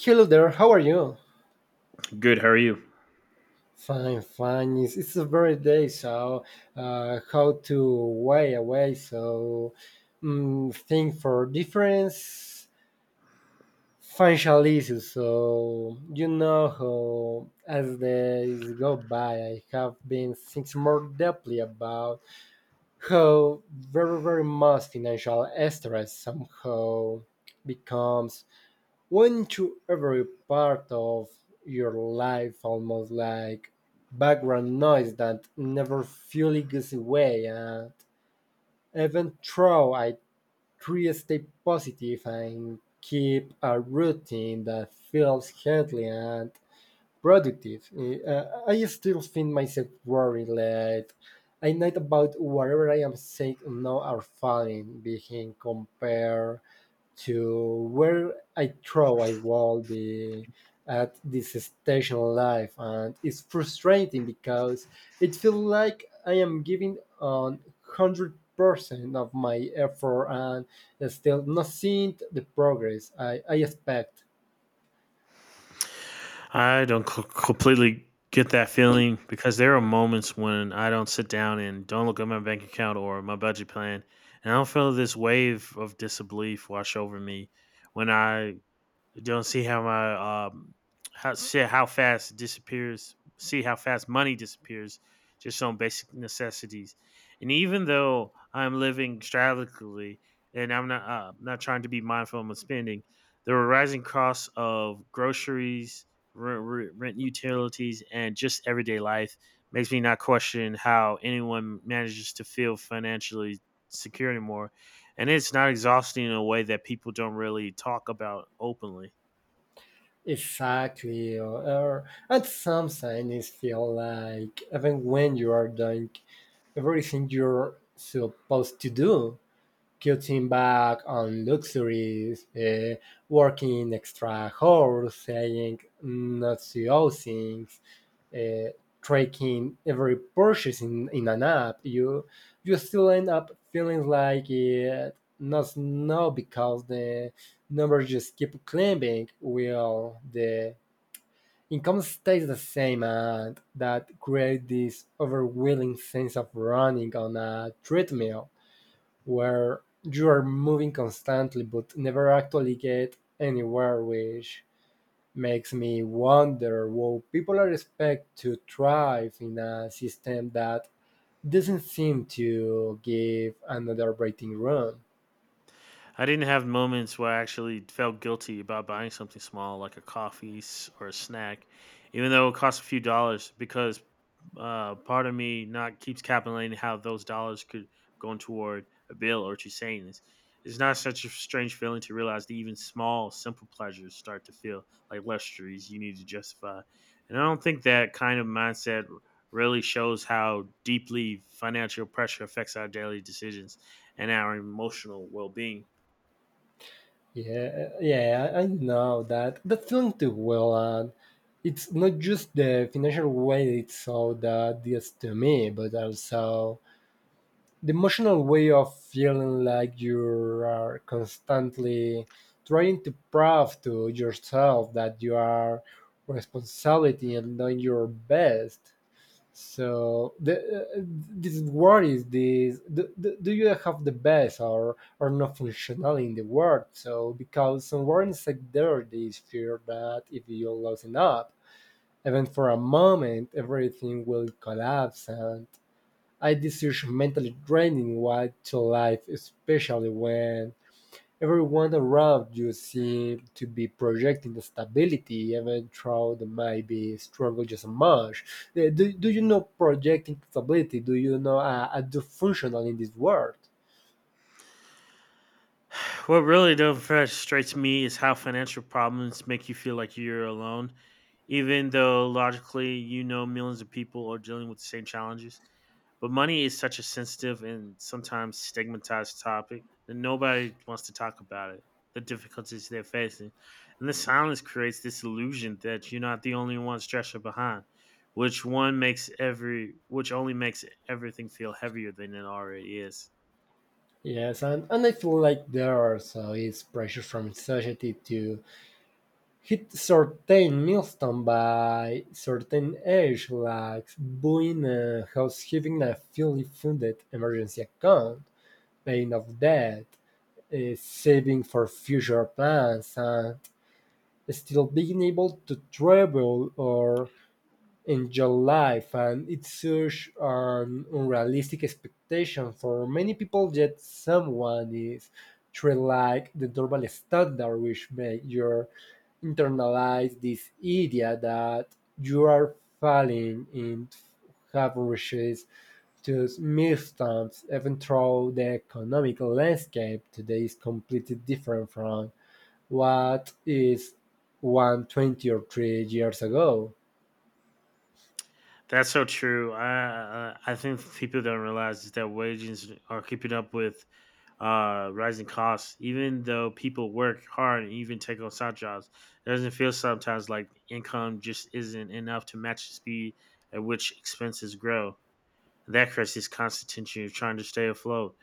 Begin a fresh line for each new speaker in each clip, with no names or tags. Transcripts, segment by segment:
Hello there, how are you?
Good. How are you?
Fine, fine. It's a very day, so how to way away, so think for difference financial issues. So you know how as days go by, I have been thinking more deeply about how very, very much financial stress somehow becomes went to every part of your life almost like background noise that never fully goes away, and even though I try to stay positive and keep a routine that feels healthy and productive, I still find myself worried late I night about whatever I am saying now are falling behind compared to where I thought I will be at this stage in life, and it's frustrating because it feels like I am giving on 100% of my effort and still not seeing the progress I expect.
I don't co- completely get that feeling because there are moments when I don't sit down and don't look at my bank account or my budget plan, and I don't feel this wave of disbelief wash over me when I. You don't see how my how fast it disappears. See how fast money disappears just on basic necessities. And even though I'm living extravagantly and I'm not not trying to be mindful of my spending, there were rising costs of groceries, rent utilities, and just everyday life makes me not question how anyone manages to feel financially secure anymore. And it's not exhausting in a way that people don't really talk about openly.
Exactly, or, at some sign it feel like even when you are doing everything you're supposed to do, cutting back on luxuries, working extra hours, saying not to all things, uh, tracking every purchase in an app, you still end up feeling like it not now because the numbers just keep climbing while the income stays the same, and that creates this overwhelming sense of running on a treadmill where you are moving constantly but never actually get anywhere, which makes me wonder what people are expected to thrive in a system that doesn't seem to give another breathing room.
I didn't have moments where I actually felt guilty about buying something small, like a or a snack, even though it cost a few dollars, because part of me not keeps calculating how those dollars could go toward a bill or to savings. It's not such a strange feeling to realize that even small, simple pleasures start to feel like luxuries you need to justify. And I don't think that kind of mindset really shows how deeply financial pressure affects our daily decisions and our emotional well being.
Yeah, yeah, I know that. That feeling too well, and it's not just the financial way it's so that is to me, but also the emotional way of feeling like you are constantly trying to prove to yourself that you are responsibility and doing your best so the, this word is this do you have the best or not functional in the world so because somewhere inside there this fear that if you loosen up even for a moment everything will collapse, and I discourage mentally draining way to life, especially when everyone around you seems to be projecting the stability, even though they might be struggle just as much. Do you know projecting stability? Do you know a dysfunctional in this world?
What really though frustrates me is how financial problems make you feel like you're alone, even though logically you know millions of people are dealing with the same challenges. But money is such a sensitive and sometimes stigmatized topic that nobody wants to talk about it, the difficulties they're facing. And the silence creates this illusion that you're not the only one stressed behind, which only makes everything feel heavier than it already is.
Yes, and I feel like there also is pressure from society to hit certain milestones by certain age, like being a house, having a fully funded emergency account, paying off debt, saving for future plans, and still being able to travel or in July found it such an unrealistic expectation for many people, yet someone is treated like the normal standard, which makes you internalize this idea that you are falling in have reached to milestones, even though the economic landscape today is completely different from what is one, 20, or 3 years ago.
That's so true. I think people don't realize is that wages are keeping up with rising costs. Even though people work hard and even take on side jobs, it doesn't feel sometimes like income just isn't enough to match the speed at which expenses grow. That creates this constant tension of trying to stay afloat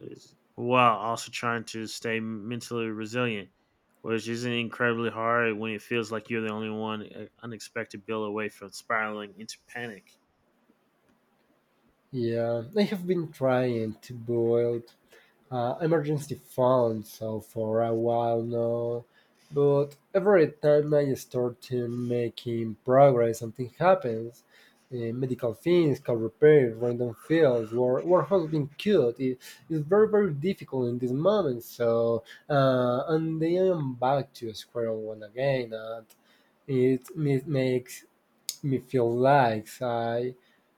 while also trying to stay mentally resilient, which isn't incredibly hard when it feels like you're the only one unexpected bill away from spiraling into panic.
Yeah, I have been trying to build emergency fund so for a while now, but every time I start to making progress, something happens. Medical things, car repairs, random fields, warehouse being killed. It, it's very, very difficult in this moment. So, and then I am back to square one again. And it makes me feel like I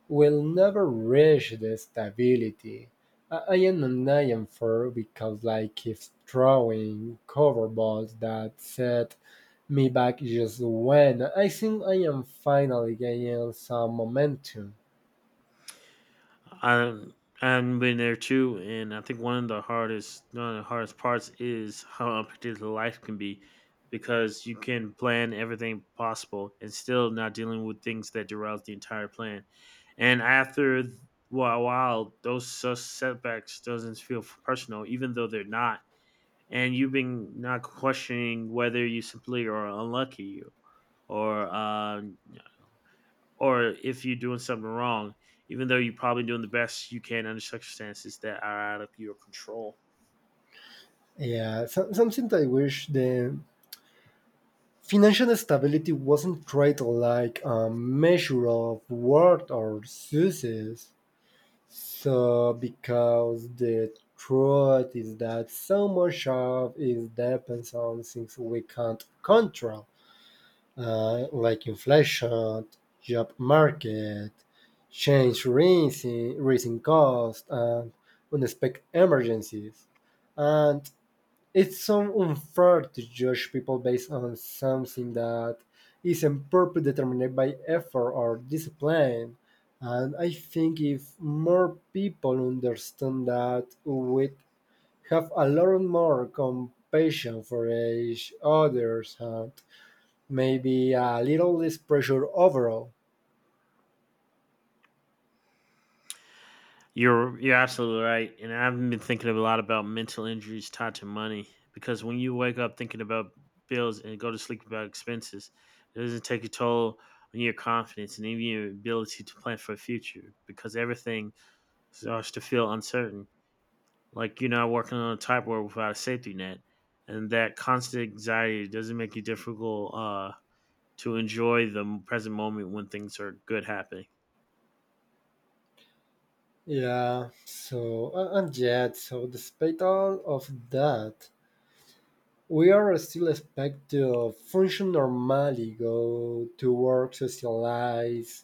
will never reach the stability. I am an IM4 because life keeps throwing cover balls that set me back just when I think I am finally gaining some momentum.
I I've been there too, and I think one of the hardest parts is how unpredictable life can be, because you can plan everything possible and still not dealing with things that derail the entire plan. And while those setbacks doesn't feel personal, even though they're not, and you've been not questioning whether you simply are unlucky or. Uh, or if you're doing something wrong, even though you're probably doing the best you can under circumstances that are out of your control.
Yeah, so, something that I wish the financial stability wasn't treated like a measure of worth or success. So, because the truth is that so much of it depends on things we can't control, like inflation, job market, change rising cost, and unexpected emergencies. And it's so unfair to judge people based on something that isn't purpose determined by effort or discipline. And I think if more people understand that, we'd have a lot more compassion for each others and maybe a little less pressure overall.
You're absolutely right, and I've been thinking a lot about mental injuries tied to money because when you wake up thinking about bills and go to sleep about expenses, it doesn't take a toll on your confidence and even your ability to plan for the future because everything starts to feel uncertain. Like you're not working on a typewriter without a safety net, and that constant anxiety doesn't make you difficult. To enjoy the present moment when things are good happening.
Yeah, so, and yet, so despite all of that, we are still expected to function normally, go to work, socialize,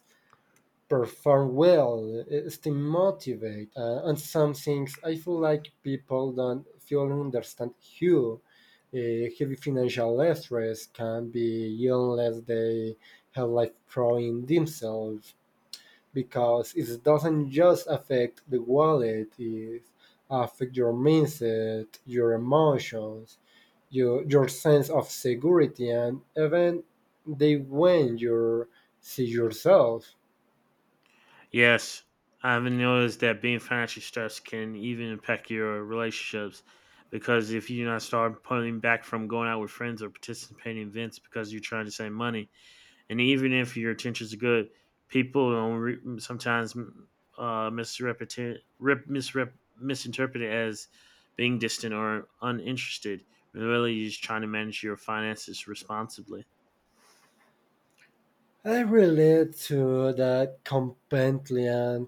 perform well, eh, stay motivated. And some things I feel like people don't fully understand how uh, heavy financial stress can be unless they have life pro in themselves, because it doesn't just affect the wallet, it affects your mindset, your emotions, your sense of security and even they when you see yourself.
Yes, I've noticed that being financially stressed can even impact your relationships because if you do not start pulling back from going out with friends or participating in events because you're trying to save money, and even if your intentions are good, people don't re- sometimes misinterpret it as being distant or uninterested. Really, you're just trying to manage your finances responsibly.
I relate to that completely, and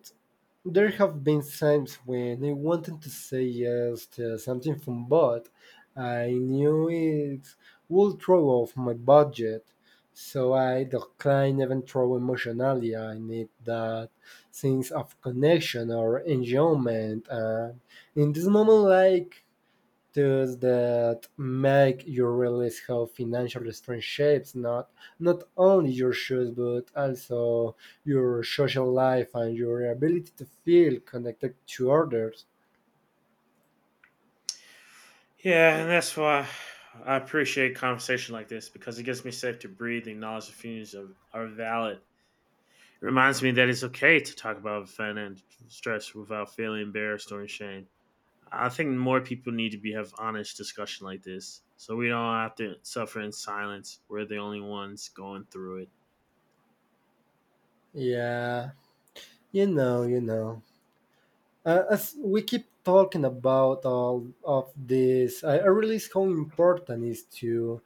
there have been times when I wanted to say yes to something from but I knew it would throw off my budget. So I declined even through emotionally. I need that sense of connection or enjoyment. And in this moment, like tools that make you realize how financial strength shapes not only your shoes but also your social life and your ability to feel connected to others.
Yeah, and that's why I appreciate conversation like this because it gives me safe to breathe and knowledge the feelings of are valid. It reminds me that it's okay to talk about financial stress without feeling embarrassed or ashamed. I think more people need to be have honest discussion like this, so we don't have to suffer in silence. We're the only ones going through it.
Yeah, you know. As we keep talking about all of this, I realize how important it is to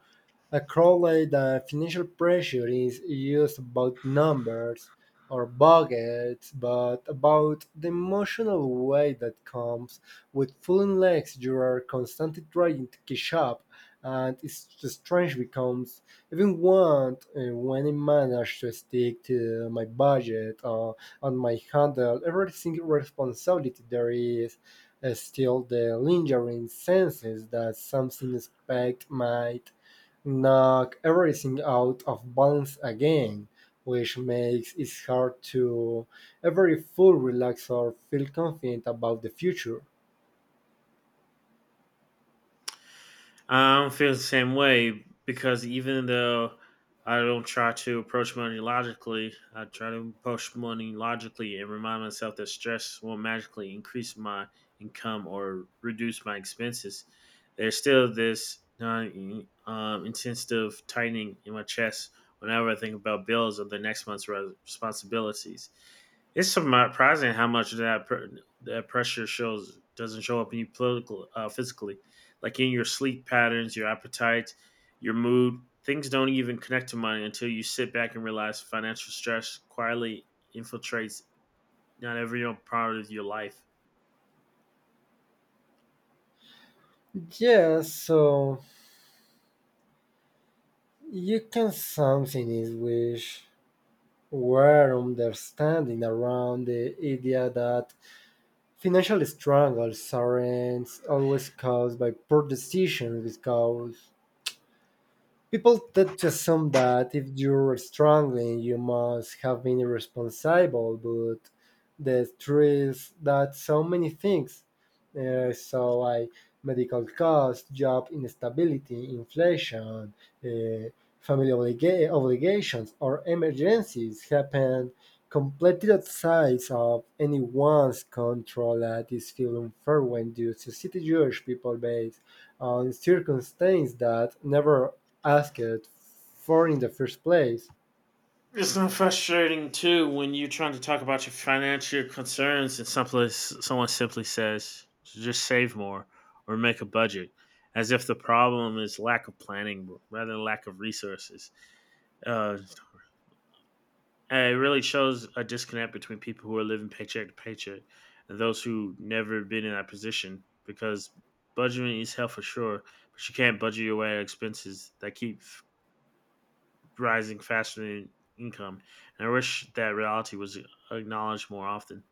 accurately, the financial pressure is used about numbers or budgets, but about the emotional weight that comes with feeling legs you are constantly trying to catch up, and it's just strange becomes even want when I manage to stick to my budget and my handle every single responsibility there is. Still, the lingering senses that something expect might knock everything out of balance again, which makes it hard to ever full relax or feel confident about the future.
I don't feel the same way because even though I don't try to approach money logically, I try to approach money logically and remind myself that stress will magically increase my income or reduce my expenses. There's still this non intensive tightening in my chest whenever I think about bills or the next month's responsibilities. It's surprising how much that pressure shows doesn't show up in you political physically like in your sleep patterns, your appetite, your mood. Things don't even connect to money until you sit back and realize financial stress quietly infiltrates not every part of your life.
Yeah, so you can something is which were understanding around the idea that financial struggles aren't always caused by poor decisions because people tend to assume that if you're struggling, you must have been irresponsible, but the truth is that so many things so I medical costs, job instability, inflation, uh, family obligations, or emergencies happen completely outside of anyone's control. That is feel unfair when you society judge people based on circumstances that never asked for in the first place.
It's not frustrating too when you're trying to talk about your financial concerns and someone simply says, "Just save more or make a budget," as if the problem is lack of planning rather than lack of resources. Uh, And it really shows a disconnect between people who are living paycheck to paycheck and those who never been in that position because budgeting is hell for sure, but you can't budget your way out of expenses that rising faster than income. And I wish that reality was acknowledged more often.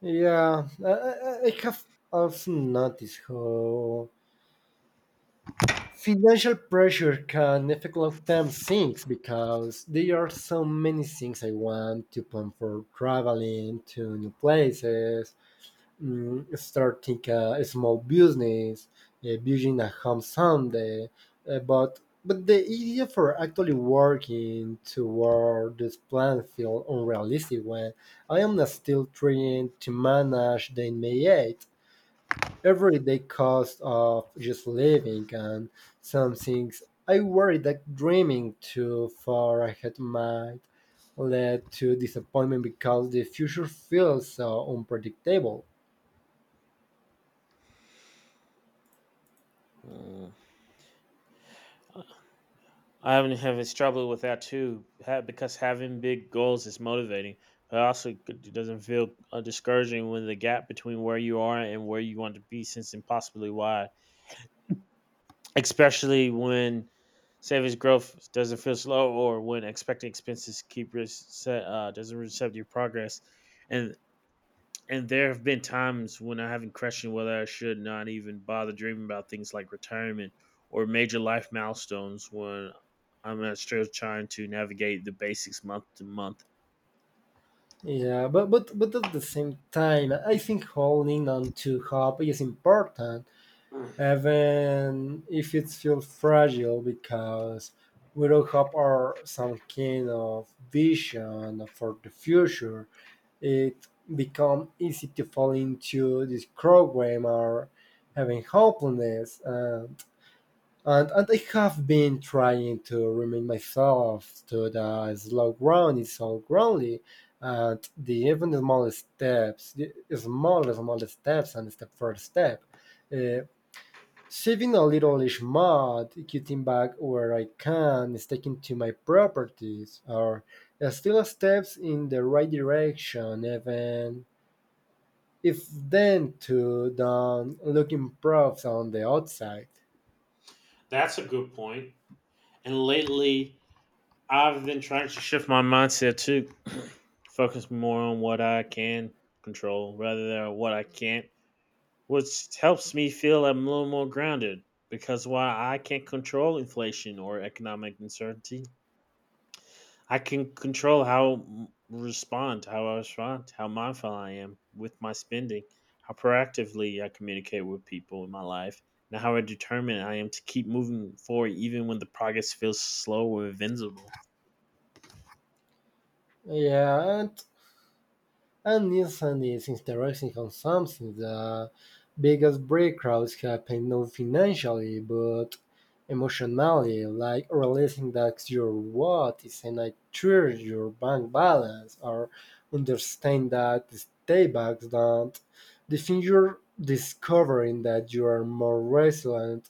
Yeah, I have also noticed how financial pressure can affect long term things because there are so many things I want to plan for traveling to new places, starting a small business, building a home someday. But but the idea for actually working toward this plan feels unrealistic when I am still trying to manage the immediate everyday cost of just living, and some things. I worry that dreaming too far ahead might led to disappointment because the future feels so unpredictable.
Mm. I haven't have struggled with that too, because having big goals is motivating, but also it doesn't feel discouraging when the gap between where you are and where you want to be seems impossibly wide. Especially when savings growth doesn't feel slow or when expected expenses doesn't reset your progress, and and there have been times when I haven't questioned whether I should not even bother dreaming about things like retirement or major life milestones when I'm still trying to navigate the basics month to month.
Yeah, but at the same time, I think holding on to hope is important, even if it feels fragile, because without hope or some kind of vision for the future, it becomes easy to fall into this program or having hopelessness. And I have been trying to remind myself to the slow ground is so groundly, and the even the smallest steps, the small small steps, and step for step, uh, saving a little each month, cutting back where I can, sticking to my properties, are still steps in the right direction, even if then to the looking proofs on the outside.
That's a good point, and lately I've been trying to shift my mindset to focus more on what I can control rather than what I can't, which helps me feel I'm a little more grounded. Because while I can't control inflation or economic uncertainty, I can control how I respond, how mindful I am with my spending, how proactively I communicate with people in my life, and how determined I am to keep moving forward even when the progress feels slow or invisible.
Yeah, and Nissan is interesting on something the biggest breakthroughs happen not financially but emotionally, like realizing that your what is an I treasure your bank balance or understand that these paybacks don't define your discovering that you are more resilient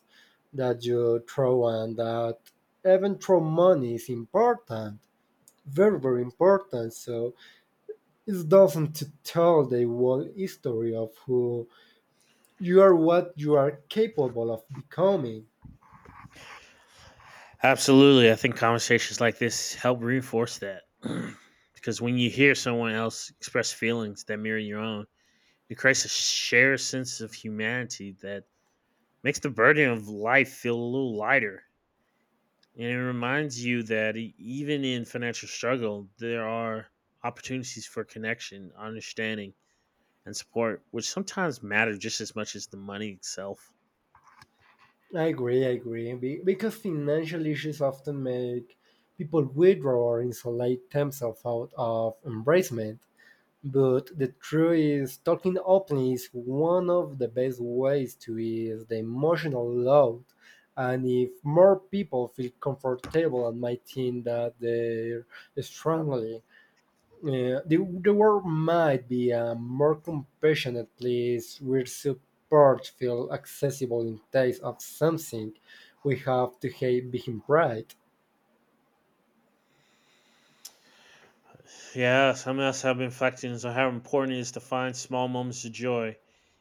that you throw and that even throw money is important, very very important. So it doesn't tell the whole history of who you are, what you are capable of becoming.
Absolutely. I think conversations like this help reinforce that. Because when you hear someone else express feelings that mirror your own, it creates a shared sense of humanity that makes the burden of life feel a little lighter. And it reminds you that even in financial struggle, there are opportunities for connection, understanding, and support, which sometimes matter just as much as the money itself.
I agree, I agree. Because financial issues often make people withdraw or insulate themselves out of embracement. But the truth is, talking openly is one of the best ways to ease the emotional load. And if more people feel comfortable and might think that they're struggling. Yeah, the world might be a more compassionate place where support feels accessible in case of something we have to hate being right.
Yeah, some of us have been reflecting on how important it is to find small moments of joy,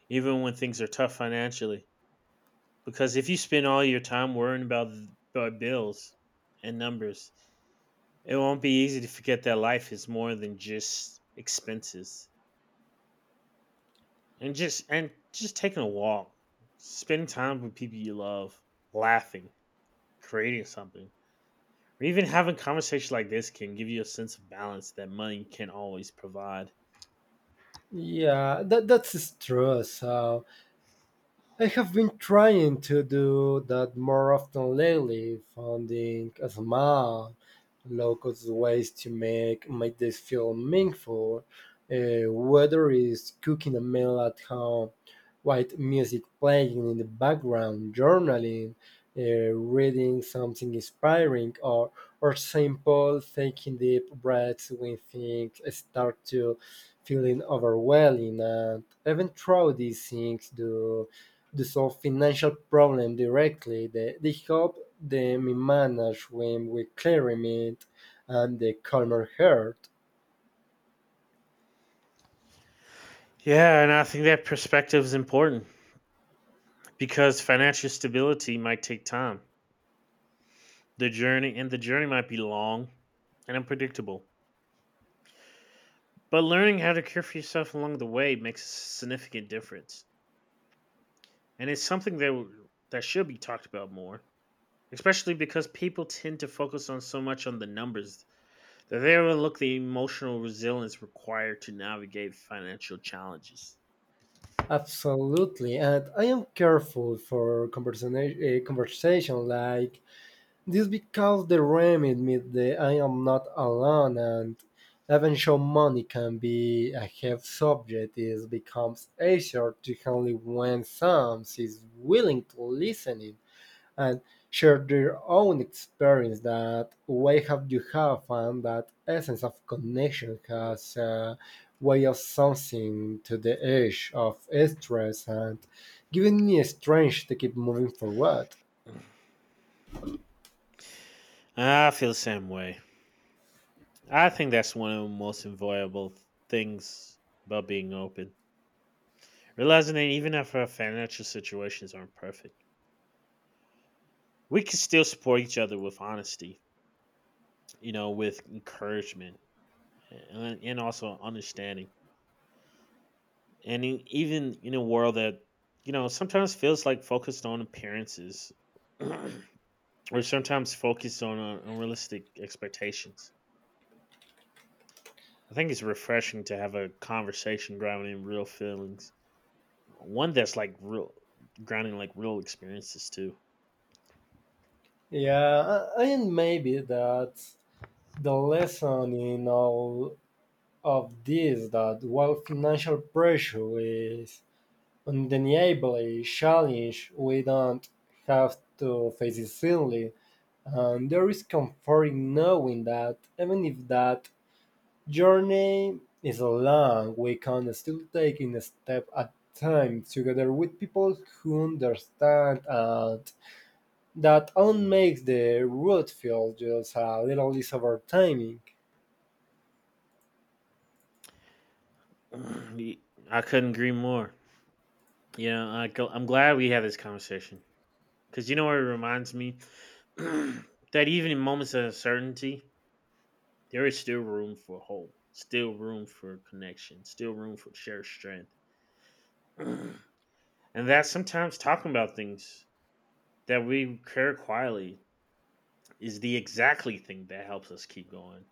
even when things are tough financially. Because if you spend all your time about bills and numbers, it won't be easy to forget that life is more than just expenses. And just taking a walk, spending time with people you love, laughing, creating something, or even having conversations like this can give you a sense of balance that money can always provide.
Yeah, that's true. So I have been trying to do that more often lately, finding small, local ways to make my days feel meaningful. Whether it's cooking a meal at home, white music playing in the background, journaling, uh, reading something inspiring, or simple taking deep breaths when things start to feeling overwhelming. And even though these things do to solve financial problems directly. They help them manage them with clarity and the calmer heart.
Yeah, and I think that perspective is important because financial stability might take time. The journey might be long and unpredictable. But learning how to care for yourself along the way makes a significant difference. And it's something that should be talked about more, especially because people tend to focus on so much on the numbers that they overlook the emotional resilience required to navigate financial challenges.
Absolutely, and I am careful for conversation, conversation like this because the remit means that I am not alone, and even show money can be a heavy subject. It becomes easier to handle when someone is willing to listen and share their own experience that way have you have and that essence of connection
Mm.
has a way of something to the edge of stress and giving me a strength to keep moving forward.
I feel the same way. I think that's one of the most enjoyable things about being open. Realizing that even if our financial situations aren't perfect, we can still support each other with honesty, you know, with encouragement and also understanding. And even in a world that, you know, sometimes feels like focused on appearances, or sometimes focused on unrealistic expectations. I think it's refreshing to have a conversation grounded in real feelings. One that's like real grounding, like real experiences too.
Yeah and maybe that's the lesson in all of this that while financial pressure is undeniably a challenge we don't have to face it silly. And there is comfort in knowing that even if that journey is long, we can still take it a step at a time together with people who understand, and that only makes the route feel just a little less overwhelming.
I couldn't agree more. You know, I'm glad we had this conversation because you know what it reminds me that even in moments of uncertainty, there is still room for hope, still room for connection, still room for shared strength, and that sometimes talking about things that we care quietly is the exactly thing that helps us keep going,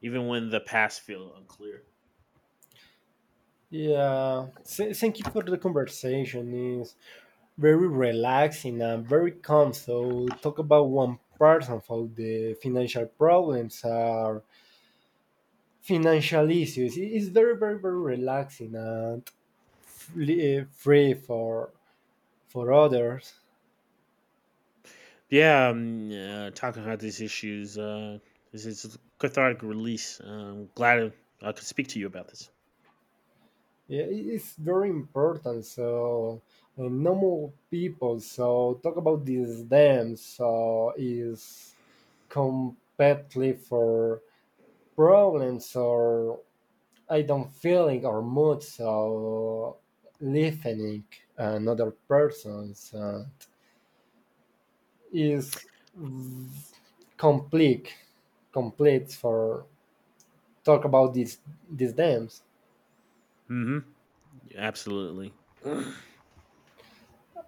even when the past feels unclear.
Yeah, thank you for the conversation. It's very relaxing and very calm. So talk about one person for the financial problems are financial issues. It's very, very, very relaxing and free for others.
Yeah, talking about these issues, this is cathartic release. I'm glad I could speak to you about this.
Yeah, it's very important. So normal people. So talk about this them. So is completely for problems or I don't feeling or mood. So listening another person's is complete complete for talk about these dams.
Hmm. Absolutely.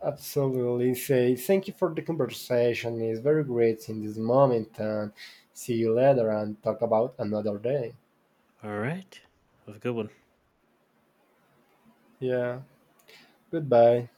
Absolutely. Say thank you for the conversation. It's very great in this moment. And see you later and talk about another day.
All right. Have a good one.
Yeah. Goodbye.